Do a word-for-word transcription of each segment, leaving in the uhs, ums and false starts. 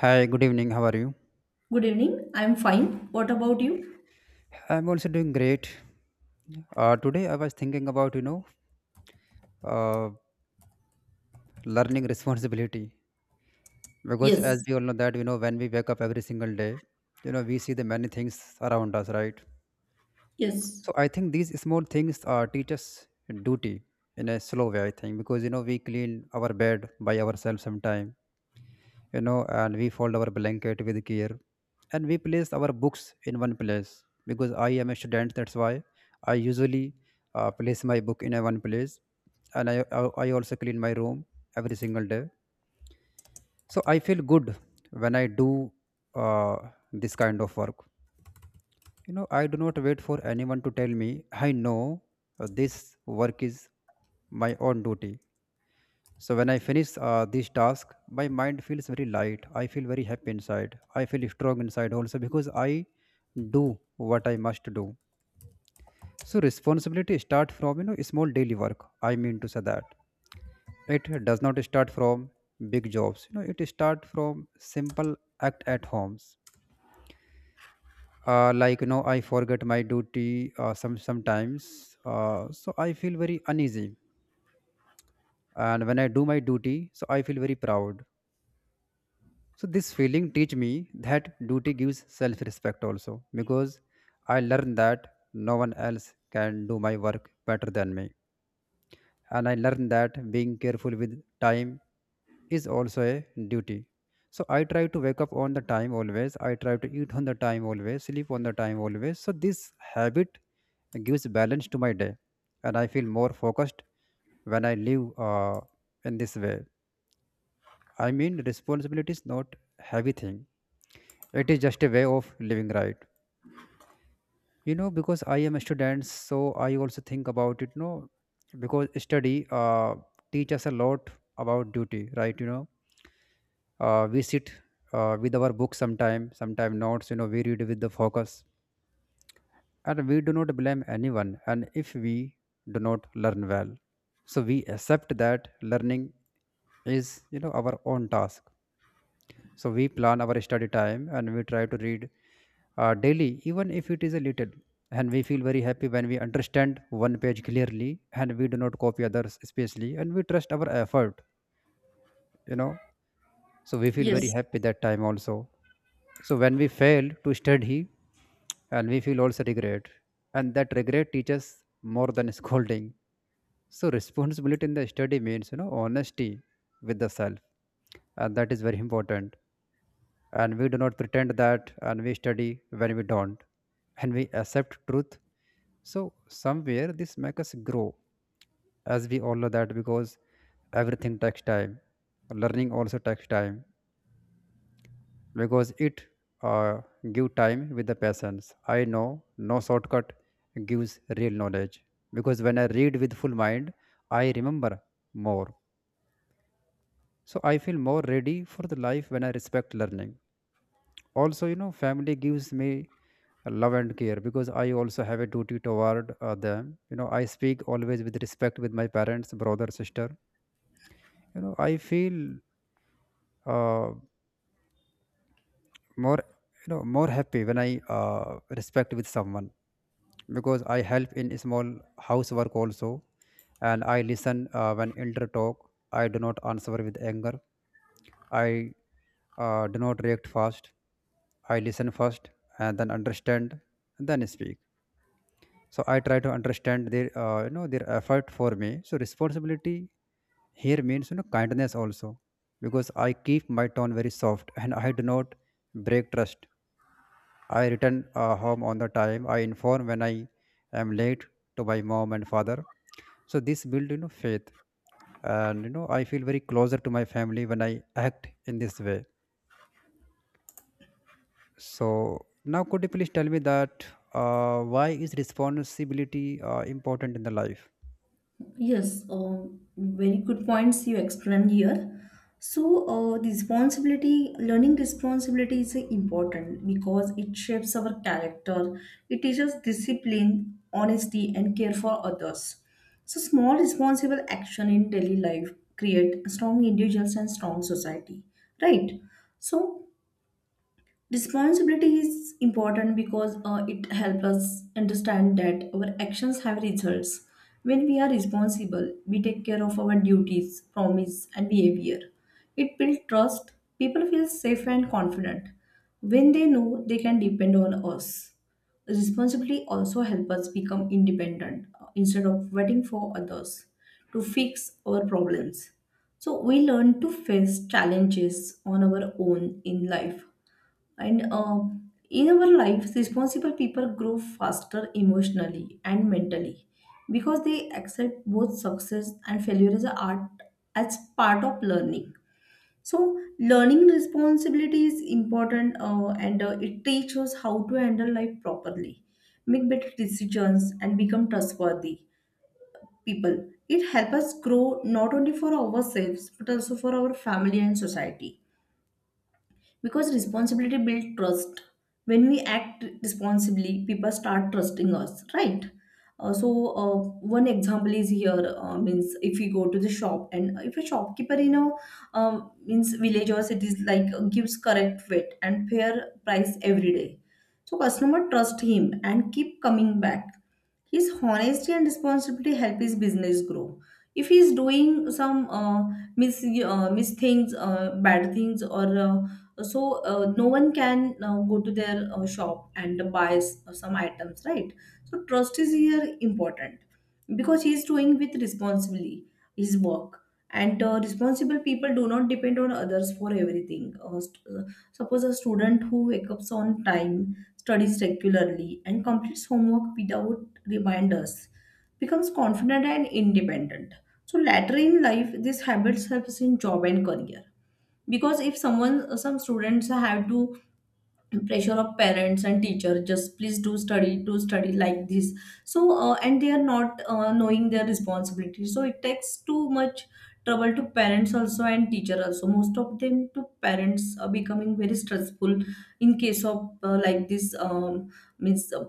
Hi, good evening. How are you? Good evening. I'm fine. What about you? I'm also doing great. Uh, today I was thinking about you know uh, learning responsibility, because as Yes, we all know that, you know, when we wake up every single day, you know, we see the many things around us, right? yes, So I think these small things uh, teach us duty in a slow way. I think, because you know, we clean our bed by ourselves sometimes, you know, and we fold our blanket with care, and we place our books in one place because I am a student. That's why I usually uh, place my book in a one place, and I, I, I also clean my room every single day. So I feel good when I do uh, this kind of work. You know, I do not wait for anyone to tell me, I know uh, this work is my own duty, so when I finish uh, this task, my mind feels very light. I feel very happy inside. I feel strong inside also, because I do what I must do. So responsibility start from, you know, small daily work. I mean to say that it does not start from big jobs. You know, it start from simple act at homes. Uh, like, you know, I forget my duty uh, some sometimes. Uh, so I feel very uneasy. And when I do my duty, so I feel very proud. So this feeling teach me that duty gives self-respect also, because I learned that no one else can do my work better than me. And I learned that being careful with time is also a duty. So I try to wake up on the time always. I try to eat on the time always, sleep on the time always. So this habit gives balance to my day, and I feel more focused when I live uh, in this way. I mean, responsibility is not heavy thing, it is just a way of living, right? You know, because I am a student, so I also think about it, no? Because study uh, teach us a lot about duty, right? You know, uh, we sit uh, with our books, sometime sometime notes. You know, we read with the focus, and we do not blame anyone, and if we do not learn well, so we accept that learning is, you know, our own task. So we plan our study time and we try to read uh, daily, even if it is a little. And we feel very happy when we understand one page clearly, and we do not copy others, especially, and we trust our effort, you know. So we feel very yes, happy that time also. So when we fail to study, and we feel also regret, and that regret teaches more than scolding. So responsibility in the study means, you know, honesty with the self, and that is very important. And we do not pretend that and we study when we don't, and we accept truth. So somewhere this makes us grow, as we all know that. Because everything takes time, learning also takes time. Because it uh, give time with the patience, I know no shortcut gives real knowledge. Because when I read with full mind, I remember more. So I feel more ready for the life when I respect learning. Also, you know, family gives me love and care, because I also have a duty toward uh, them. You know, I speak always with respect with my parents, brother, sister. You know, I feel uh, more, you know, more happy when I uh, respect with someone. Because I help in small housework also, and I listen uh, when elder talk. I do not answer with anger. I uh, do not react fast. I listen first, and then understand, and then speak. So I try to understand their uh, you know, their effort for me. So responsibility here means, you know, kindness also. Because I keep my tone very soft and I do not break trust. I return uh, home on the time. I inform when I am late to my mom and father. So this build, you know, faith. And you know, I feel very closer to my family when I act in this way. So now, could you please tell me that uh, why is responsibility uh, important in the life? yes. Um, very good points you explained here. So, uh, the responsibility, learning responsibility is uh, important because it shapes our character. It teaches discipline, honesty, and care for others. So, small responsible action in daily life create strong individuals and strong society, right? So, responsibility is important because uh, it helps us understand that our actions have results. When we are responsible, we take care of our duties, promise, and behavior. It builds trust. People feel safe and confident when they know they can depend on us. Responsibility also helps us become independent uh, instead of waiting for others to fix our problems. So we learn to face challenges on our own in life and uh, in our life responsible people grow faster emotionally and mentally because they accept both success and failure as a art, as part of learning. So learning responsibility is important, uh, and uh, it teaches us how to handle life properly, make better decisions and become trustworthy people. It helps us grow not only for ourselves but also for our family and society, because responsibility builds trust. When we act responsibly, people start trusting us, right? Uh, so uh, one example is here, uh, means if we go to the shop and uh, if a shopkeeper, you know, um, means village or cities, like uh, gives correct weight and fair price every day, so customer trust him and keep coming back. His honesty and responsibility help his business grow. If he is doing some uh, mis uh, mis things, uh, bad things, or uh, so, uh, no one can uh, go to their uh, shop and buy s- some items, right? So trust is here important because he's doing with responsibly his work. And uh, responsible people do not depend on others for everything. Uh, st- uh, suppose a student who wakes up on time, studies regularly and completes homework without reminders becomes confident and independent. So later in life these habits helps in job and career, because if someone, some students have to pressure of parents and teacher, just please do study, do study, like this. So uh, and they are not uh, knowing their responsibility, so it takes too much trouble to parents also, and teacher also. Most of them to parents are becoming very stressful in case of uh, like this, um, means uh,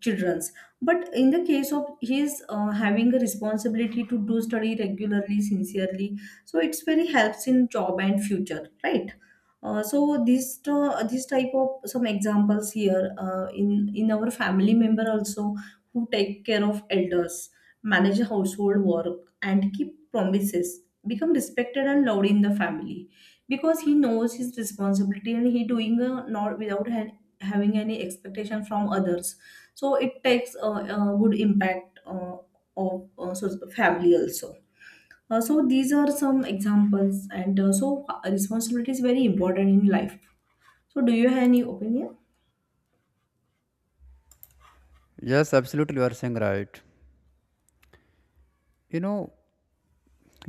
children's. But in the case of his uh, having a responsibility to do study regularly sincerely, so it's very helps in job and future, right? Uh, so this to- this type of some examples here, uh, in in our family member also, who take care of elders, manage household work, and keep promises, become respected and loved in the family, because he knows his responsibility and he doing, uh, not without ha- having any expectation from others. So it takes a, a good impact uh, of uh, so family also. Uh, so these are some examples, and uh, so uh, responsibility is very important in life. So do you have any opinion? Yes, absolutely, you are saying right. You know,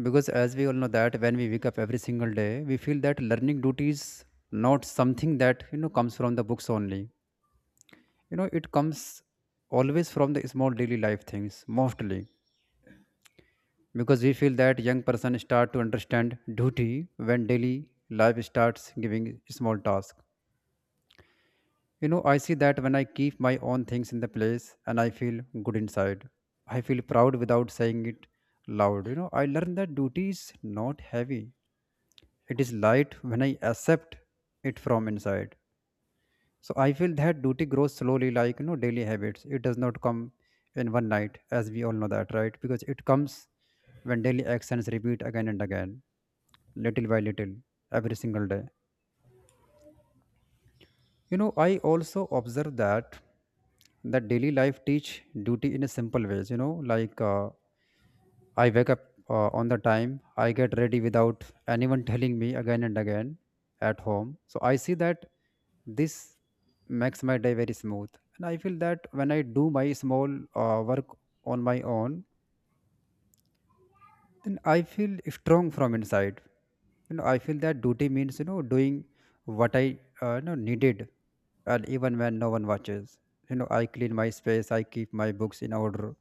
because as we all know that when we wake up every single day, we feel that learning duty is not something that, you know, comes from the books only. You know, it comes always from the small daily life things mostly, because we feel that young person start to understand duty when daily life starts giving small task. You know, I see that when I keep my own things in the place, and I feel good inside. I feel proud without saying it loud. You know, I learn that duty is not heavy. It is light when I accept it from inside. So I feel that duty grows slowly, like, you know, daily habits. It does not come in one night, as we all know that, right? Because it comes when daily actions repeat again and again, little by little, every single day. You know, I also observe that that daily life teach duty in a simple ways. You know, like, uh, I wake up uh, on the time. I get ready without anyone telling me again and again at home. So I see that this makes my day very smooth, and I feel that when I do my small uh, work on my own, then I feel strong from inside. You know, I feel that duty means, you know, doing what I, uh, you know needed, and even when no one watches, you know, I clean my space, I keep my books in order,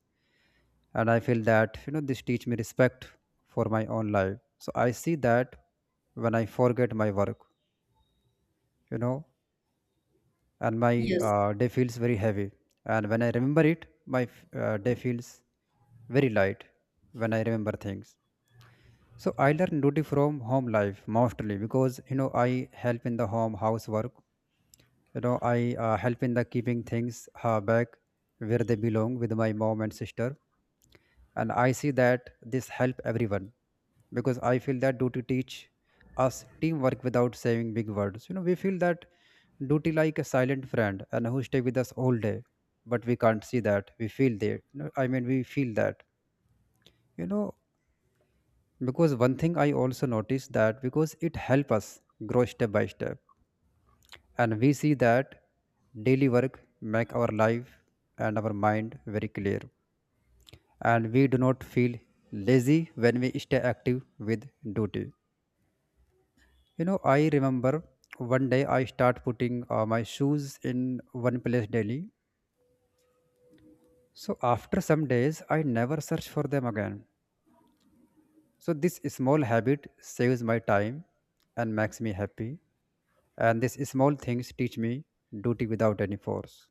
and I feel that, you know, this teach me respect for my own life. So I see that when I forget my work, you know, and my Yes. uh, day feels very heavy, and when I remember it, my f- uh, day feels very light when I remember things. So I learn duty from home life mostly, because you know, I help in the home housework. You know, I uh, help in the keeping things uh, back where they belong with my mom and sister, and I see that this help everyone. Because I feel that duty teach us teamwork without saying big words. You know, we feel that duty like a silent friend and who stay with us all day, but we can't see that, we feel there. You know, I mean, we feel that, you know, because one thing I also noticed, that because it helps us grow step by step, and we see that daily work make our life and our mind very clear, and we do not feel lazy when we stay active with duty. You know, I remember one day I start putting uh, my shoes in one place daily, so after some days I never search for them again. So this small habit saves my time and makes me happy. And these small things teach me duty without any force.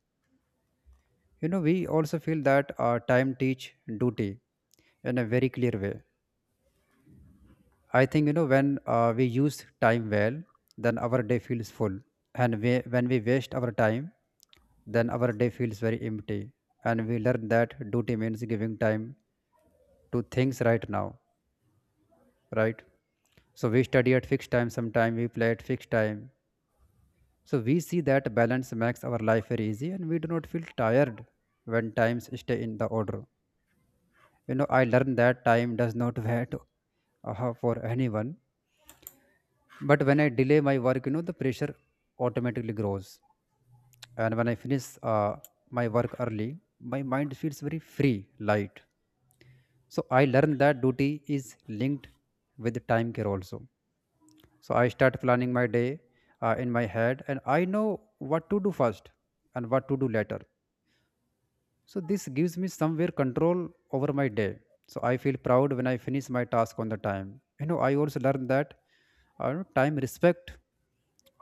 You know, we also feel that uh, time teach duty in a very clear way. I think, you know, when uh, we use time well, then our day feels full. And we, when we waste our time, then our day feels very empty. And we learn that duty means giving time to things right now, right? So we study at fixed time sometime, we play at fixed time. So we see that balance makes our life very easy, and we do not feel tired when times stay in the order. You know, I learned that time does not wait uh, for anyone. But when I delay my work, you know, the pressure automatically grows. And when I finish uh, my work early, my mind feels very free, light. So I learned that duty is linked with time care also. So I start planning my day uh, in my head, and I know what to do first and what to do later. So this gives me somewhere control over my day. So I feel proud when I finish my task on the time. You know, I also learned that uh, time respect,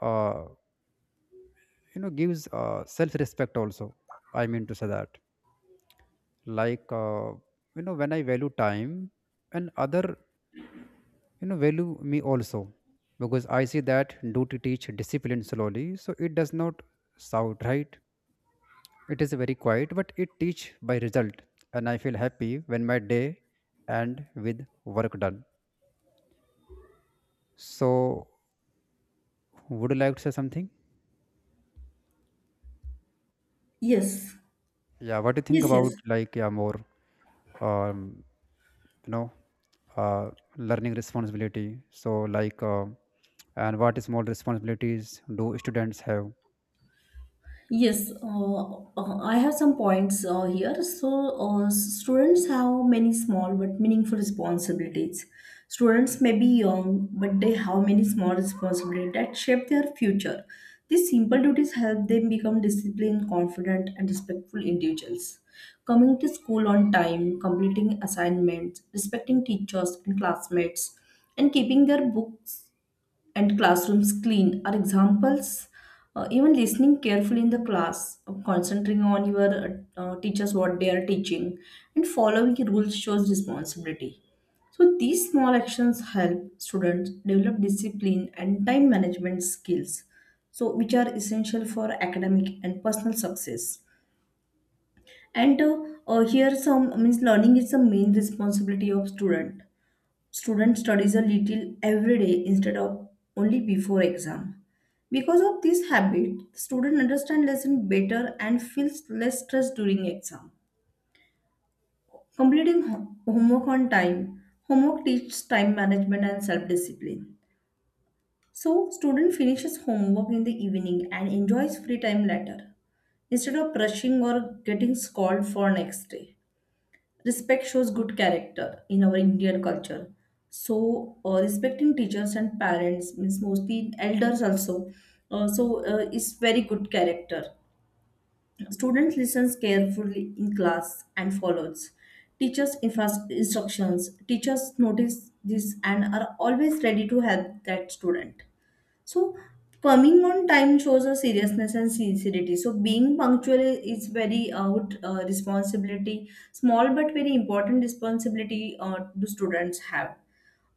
uh, you know, gives uh, self respect also. I mean to say that, like uh, you know, when I value time, and other, you know, value me also. Because I see that duty teach discipline slowly. So it does not shout, right? It is very quiet, but it teach by result, and I feel happy when my day end with work done. So, would you like to say something? Yes. Yeah, what do you think Yes. about, Yes. like, yeah, more um, you know, uh, learning responsibility? So, like, uh, and what small responsibilities do students have? Yes, uh, uh, I have some points uh, here. So, uh, students have many small but meaningful responsibilities. Students may be young, but they have many small responsibilities that shape their future. These simple duties help them become disciplined, confident, and respectful individuals. Coming to school on time, completing assignments, respecting teachers and classmates, and keeping their books and classrooms clean are examples. Uh, even listening carefully in the class, uh, concentrating on your uh, uh, teachers what they are teaching, and following rules shows responsibility. So these small actions help students develop discipline and time management skills, so which are essential for academic and personal success. And uh, uh, Here some, means learning is the main responsibility of student. Student studies a little every day instead of only before exam. Because of this habit, student understand lesson better and feels less stress during exam. Completing ho- homework on time. Homework teaches time management and self-discipline. So student finishes homework in the evening and enjoys free time later instead of rushing or getting scolded for next day. Respect shows good character in our Indian culture. So, uh, respecting teachers and parents means mostly elders also. Uh, so, uh, it's very good character. Student listens carefully in class and follows teachers' infas- instructions. Teachers notice this and are always ready to help that student. So coming on time shows a seriousness and sincerity. So being punctual i- is very out uh, responsibility, small but very important responsibility uh, the students have.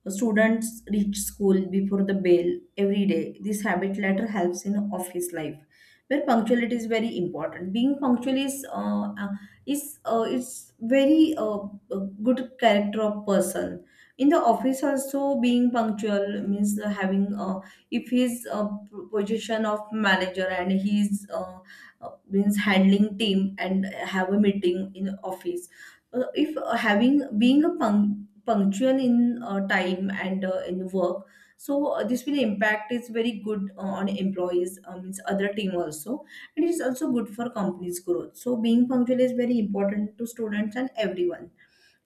Students reach school before the bell every day. This habit later helps in office life, where punctuality is very important. Being punctual is uh, uh, is uh, it's very uh, uh, good character of person. In the office also, being punctual means uh, having, uh, if he's a p- position of manager and he's uh, uh, means handling team and have a meeting in office, uh, if uh, having being a punc- punctual in uh, time and uh, in work, so uh, this will impact is very good uh, on employees, um, means other team also, and it is also good for company's growth. So being punctual is very important to students and everyone.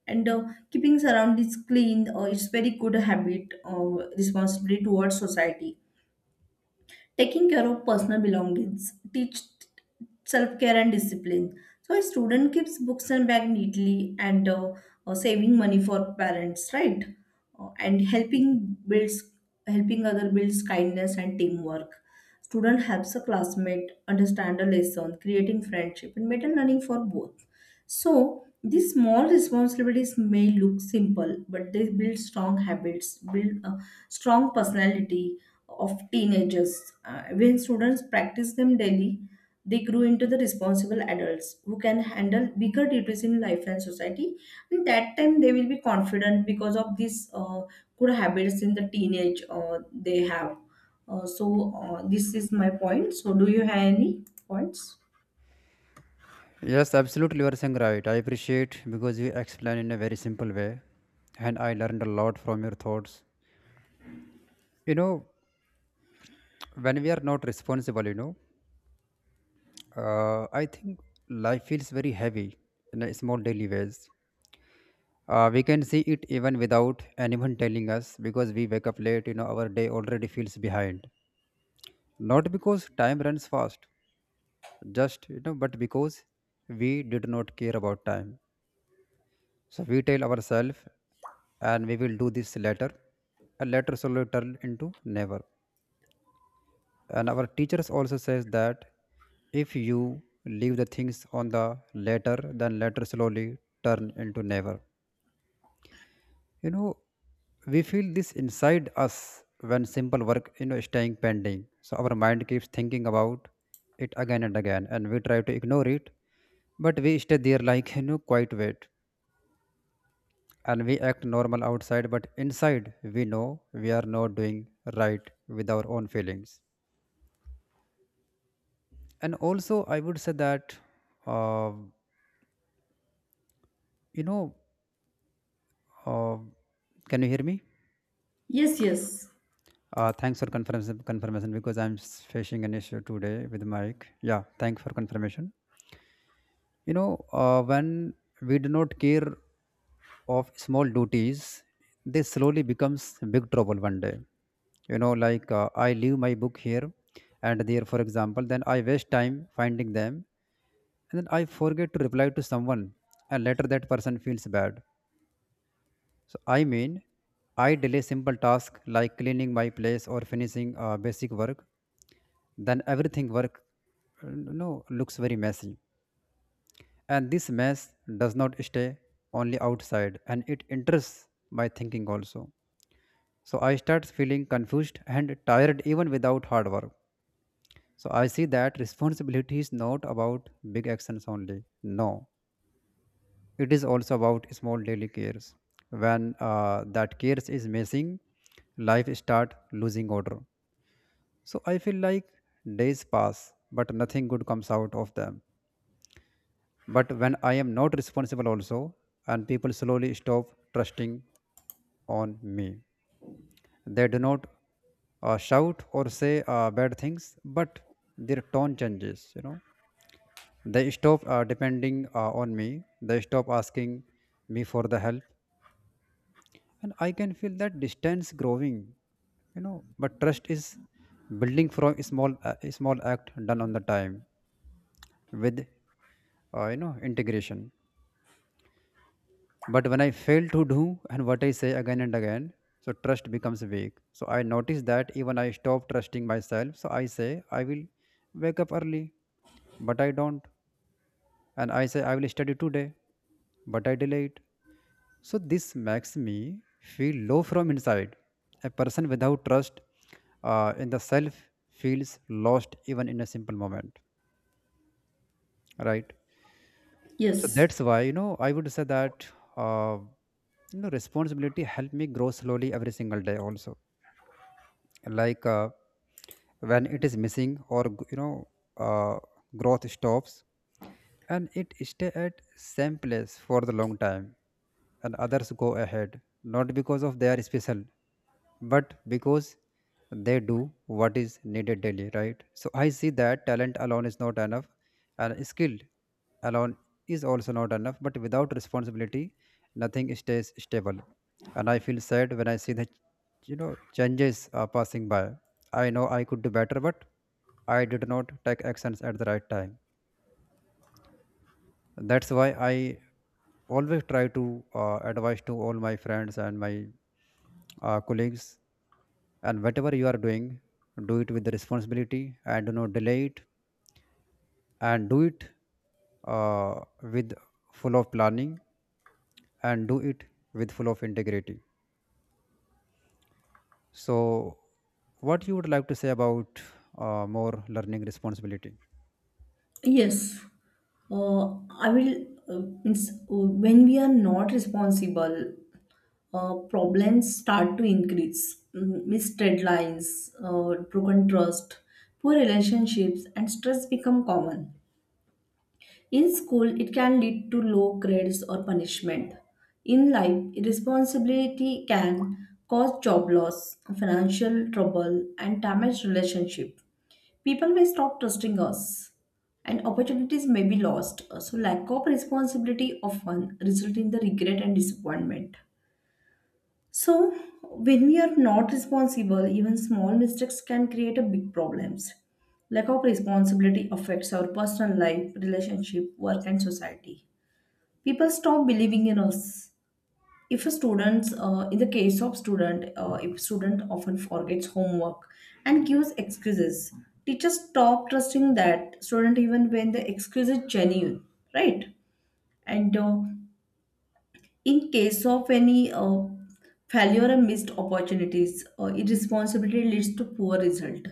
And uh, Keeping surroundings clean, uh, it's very good habit, uh, responsibility towards society. Taking care of personal belongings teach self-care and discipline. So a student keeps books and bag neatly, and uh, uh, saving money for parents, right? Uh, and helping builds helping other builds kindness and teamwork. Student helps a classmate understand a lesson, creating friendship and better learning for both. So these small responsibilities may look simple, but they build strong habits, build a strong personality of teenagers. Uh, when students practice them daily, they grow into the responsible adults who can handle bigger duties in life and society. And that time they will be confident because of these uh, good habits in the teenage uh, they have. Uh, so uh, this is my point. So do you have any points? Yes, absolutely, you are saying right. I appreciate because you explain in a very simple way, and I learned a lot from your thoughts. You know, when we are not responsible, you know. Uh, I think life feels very heavy in a small daily ways. Uh, we can see it even without anyone telling us because we wake up late, you know, our day already feels behind. Not because time runs fast, just, you know, but because we did not care about time. So we tell ourselves and we will do this later. And later slowly turn into never. And our teachers also says that if you leave the things on the later, then later slowly turn into never. You know, we feel this inside us when simple work, you know, is staying pending, so our mind keeps thinking about it again and again, and we try to ignore it, but we stay there like, you know, quite wait, and we act normal outside, but inside we know we are not doing right with our own feelings. And also I would say that uh, You know, uh, can you hear me? Yes, yes, Uh, thanks for confirmation, confirmation because I'm s- facing an issue today with mic. Yeah, thanks for confirmation. You know, uh, when we do not care of small duties, they slowly becomes big trouble one day. You know, like uh, I leave my book here and there, for example, then I waste time finding them, and then I forget to reply to someone, and later that person feels bad. So I mean, I delay simple tasks like cleaning my place or finishing uh, basic work, then everything work uh, no looks very messy. And this mess does not stay only outside and it enters my thinking also. So I start feeling confused and tired even without hard work. So I see that responsibility is not about big actions only. No, it is also about small daily cares. When uh, that cares is missing, life start losing order. So I feel like days pass but nothing good comes out of them. But when I am not responsible also, and people slowly stop trusting on me. They do not uh, shout or say uh, bad things, but their tone changes, you know. They stop uh, depending uh, on me. They stop asking me for the help, and I can feel that distance growing, you know. But trust is building from a small uh, a small act done on the time with uh, you know integration. But when I fail to do and what I say again and again, so trust becomes weak. So I notice that even I stop trusting myself. So I say I will wake up early, but I don't. And I say I will study today, but I delay it. So this makes me feel low from inside. A person without trust uh, in the self feels lost even in a simple moment, right? So yes, that's why, you know, I would say that uh, you know responsibility helped me grow slowly every single day also, like uh, when it is missing or g- you know uh, growth stops and it stay at same place for the long time, and others go ahead not because of they are special, but because they do what is needed daily, right? So I see that talent alone is not enough, and skill alone is also not enough, but without responsibility nothing stays stable. And I feel sad when I see the, you know, changes are passing by. I know I could do better but I did not take actions at the right time. That's why I always try to uh, advise to all my friends and my uh, colleagues, and whatever you are doing, do it with responsibility and do not delay it, and do it uh, with full of planning, and do it with full of integrity. So, what you would like to say about uh, more learning responsibility? yes. Uh, I will. Uh, means uh, When we are not responsible, uh, problems start to increase. Mm, Missed deadlines, uh, broken trust, poor relationships, and stress become common. In school, it can lead to low grades or punishment. In life, irresponsibility can cause job loss, financial trouble, and damaged relationship. People may stop trusting us, and opportunities may be lost. So, lack of responsibility often result in the regret and disappointment. So, when we are not responsible, even small mistakes can create a big problems. Lack of responsibility affects our personal life, relationship, work, and society. People stop believing in us. If a student, uh, in the case of student, uh, if student often forgets homework and gives excuses, teachers stop trusting that student even when the excuse is genuine, right? And uh, in case of any uh, failure or missed opportunities, uh, irresponsibility leads to poor result.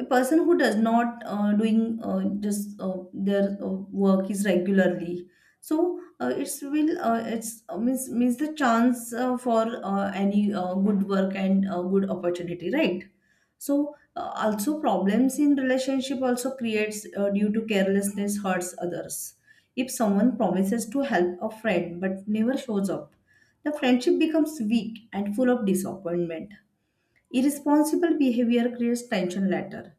A person who does not uh, doing uh, just uh, their uh, work is regularly, so uh, it's will uh, it's uh, means means the chance uh, for uh, any uh, good work and uh, good opportunity, right? So uh, also problems in relationship also creates, uh, due to carelessness hurts others. If someone promises to help a friend but never shows up, the friendship becomes weak and full of disappointment. Irresponsible behavior creates tension later.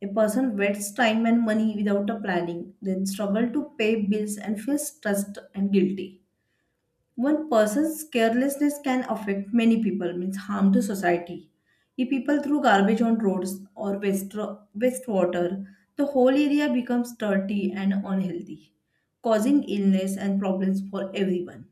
A person wastes time and money without a planning, then struggle to pay bills and feels stressed and guilty. One person's carelessness can affect many people, means harm to society. If people throw garbage on roads or waste, waste water, the whole area becomes dirty and unhealthy, causing illness and problems for everyone.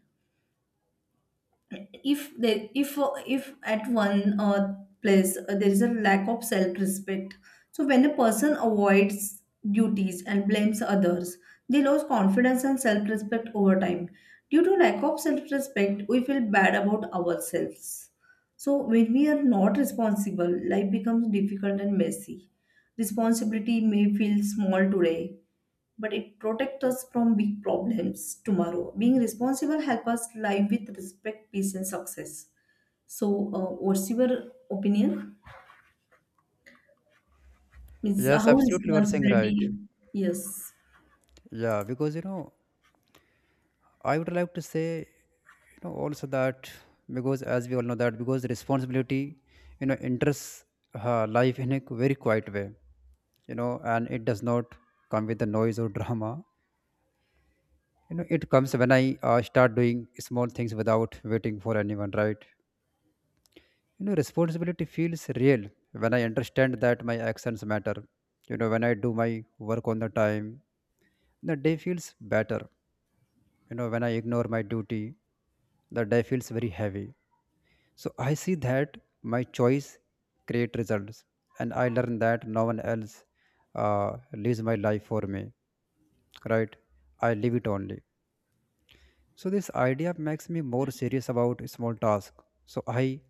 If there, if if at one uh, place, uh, there is a lack of self respect, so when a person avoids duties and blames others, they lose confidence and self respect over time. Due to lack of self respect, we feel bad about ourselves. So when we are not responsible, life becomes difficult and messy. Responsibility may feel small today, but it protects us from big problems tomorrow. Being responsible help us live with respect, peace, and success. So, uh, what's your opinion? Means Yes, how absolutely, you are saying right. responsibility? Yes, Yeah, because you know, I would like to say, you know, also that because as we all know that because responsibility, you know, enters uh, life in a very quiet way, you know, and it does not come with the noise or drama. You know, it comes when I uh, start doing small things without waiting for anyone, right? You know, responsibility feels real when I understand that my actions matter. You know, when I do my work on the time, the day feels better. You know, when I ignore my duty, the day feels very heavy. So I see that my choice create results, and I learn that no one else uh, lives my life for me. Right? I live it only. So this idea makes me more serious about small task. So I,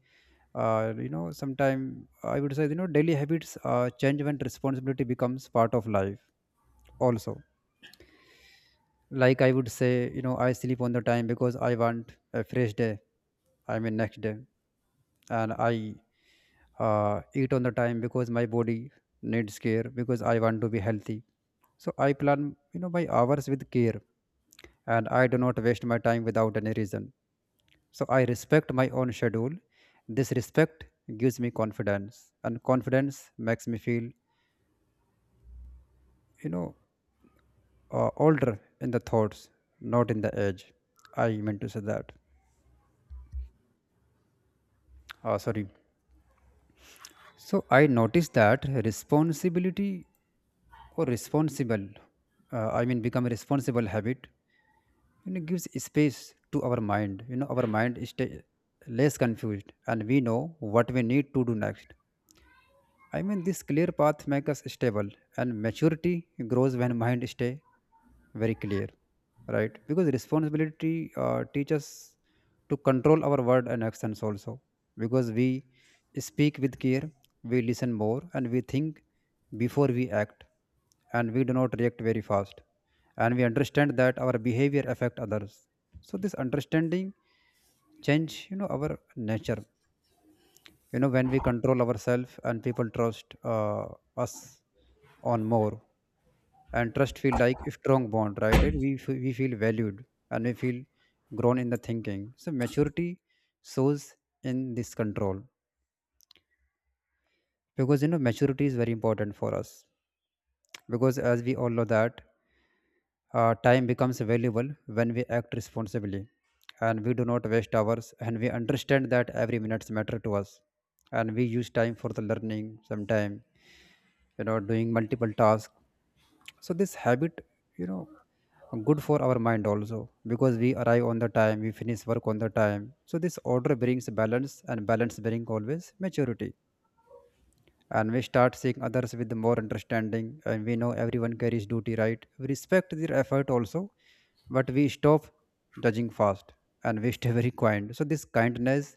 uh, you know, sometime I would say, you know, daily habits uh, change when responsibility becomes part of life. Also, like I would say, you know, I sleep on the time because I want a fresh day. I mean, next day. And I uh, eat on the time because my body needs care because I want to be healthy. So I plan, you know, my hours with care, and I do not waste my time without any reason. So I respect my own schedule. This respect gives me confidence, and confidence makes me feel, you know, uh, older in the thoughts, not in the age. I meant to say that. Uh, sorry. So I noticed that responsibility or responsible, uh, I mean, become a responsible habit, you know, gives space to our mind. You know, our mind is stay less confused and we know what we need to do next. I mean, this clear path makes us stable, and maturity grows when mind stay very clear, right? Because responsibility uh, teaches to control our word and actions also. Because we speak with care, we listen more, and we think before we act, and we do not react very fast, and we understand that our behavior affect others. So this understanding change, you know, our nature. You know, when we control ourselves and people trust uh, us on more, and trust feel like a strong bond, right? And we, f- we feel valued and we feel grown in the thinking, so maturity shows in this control. Because you know maturity is very important for us, because as we all know that uh, time becomes valuable when we act responsibly, and we do not waste hours, and we understand that every minutes matter to us, and we use time for the learning sometime, you know, doing multiple tasks. So this habit, you know, good for our mind also, because we arrive on the time, we finish work on the time, so this order brings balance, and balance brings always maturity. And we start seeing others with more understanding, and we know everyone carries duty, right? We respect their effort also, but we stop judging fast, and we stay very kind. So this kindness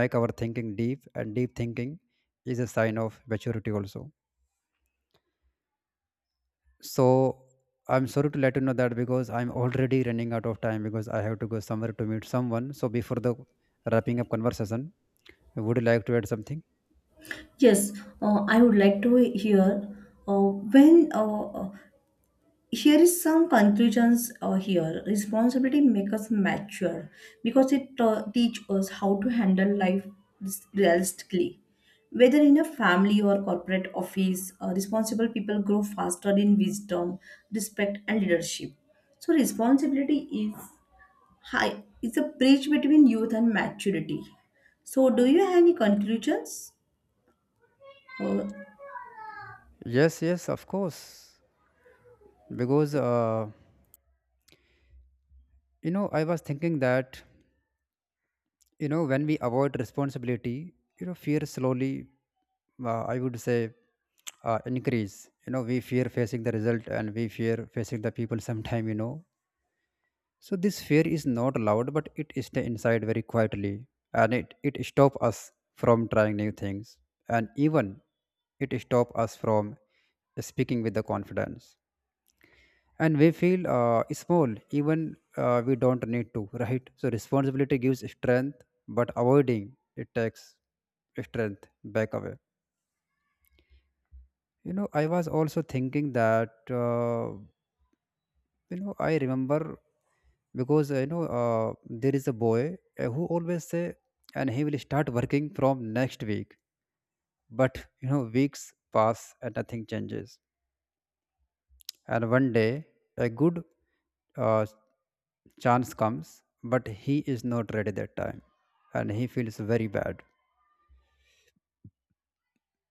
make our thinking deep, and deep thinking is a sign of maturity also. So I'm sorry to let you know that because I'm already running out of time because I have to go somewhere to meet someone. So before the wrapping up conversation, would you like to add something? yes. Uh, I would like to hear, uh, when uh, uh, here is some conclusions uh, here. Responsibility make us mature because it uh, teach us how to handle life realistically, whether in a family or corporate office. Uh, responsible people grow faster in wisdom, respect and leadership. So responsibility is high, it's a bridge between youth and maturity. So do you have any conclusions? Uh, Yes, yes, of course. Because uh, you know, I was thinking that, you know, when we avoid responsibility, you know, fear slowly, uh, I would say, uh, increase. You know, we fear facing the result, and we fear facing the people. Sometime, you know, so this fear is not loud, but it stays inside very quietly, and it it stops us from trying new things, and even it stops us from speaking with the confidence. And we feel uh, small, even uh, we don't need to, right? So responsibility gives strength, but avoiding it takes strength back away. You know, I was also thinking that uh, you know I remember because uh, you know uh, there is a boy uh, who always say, and he will start working from next week, but you know weeks pass and nothing changes, and one day a good uh, chance comes, but he is not ready that time, and he feels very bad,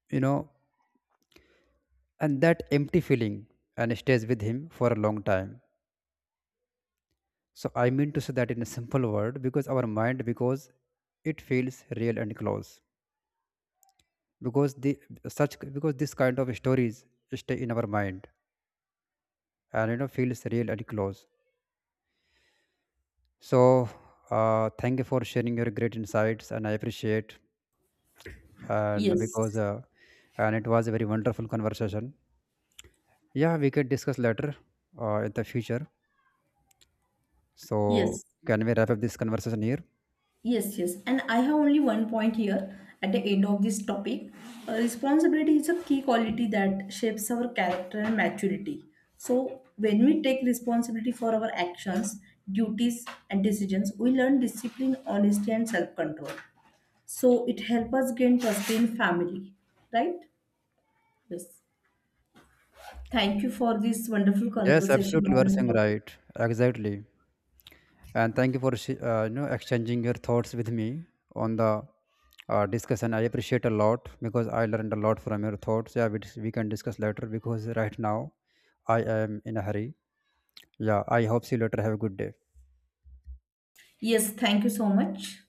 you know, and that empty feeling and stays with him for a long time. So I mean to say that in a simple word, because our mind, because it feels real and close, because the such because this kind of stories stay in our mind and, you know, feels real and close. So uh, thank you for sharing your great insights and I appreciate. and yes, because uh, and it was a very wonderful conversation. Yeah, we can discuss later uh, in the future. So yes. can we wrap up this conversation here? Yes, yes. And I have only one point here at the end of this topic. Uh, responsibility is a key quality that shapes our character and maturity. So, when we take responsibility for our actions, duties, and decisions, we learn discipline, honesty, and self control. So, it helps us gain trust in family, right? Yes. Thank you for this wonderful Yes, conversation absolutely, you are on the saying topic. right. Exactly. And thank you for sh- uh, you know exchanging your thoughts with me on the uh, discussion. I appreciate a lot because I learned a lot from your thoughts. Yeah, we, dis- we can discuss later because right now I am in a hurry. Yeah, I hope see you later. Have a good day. Yes, thank you so much.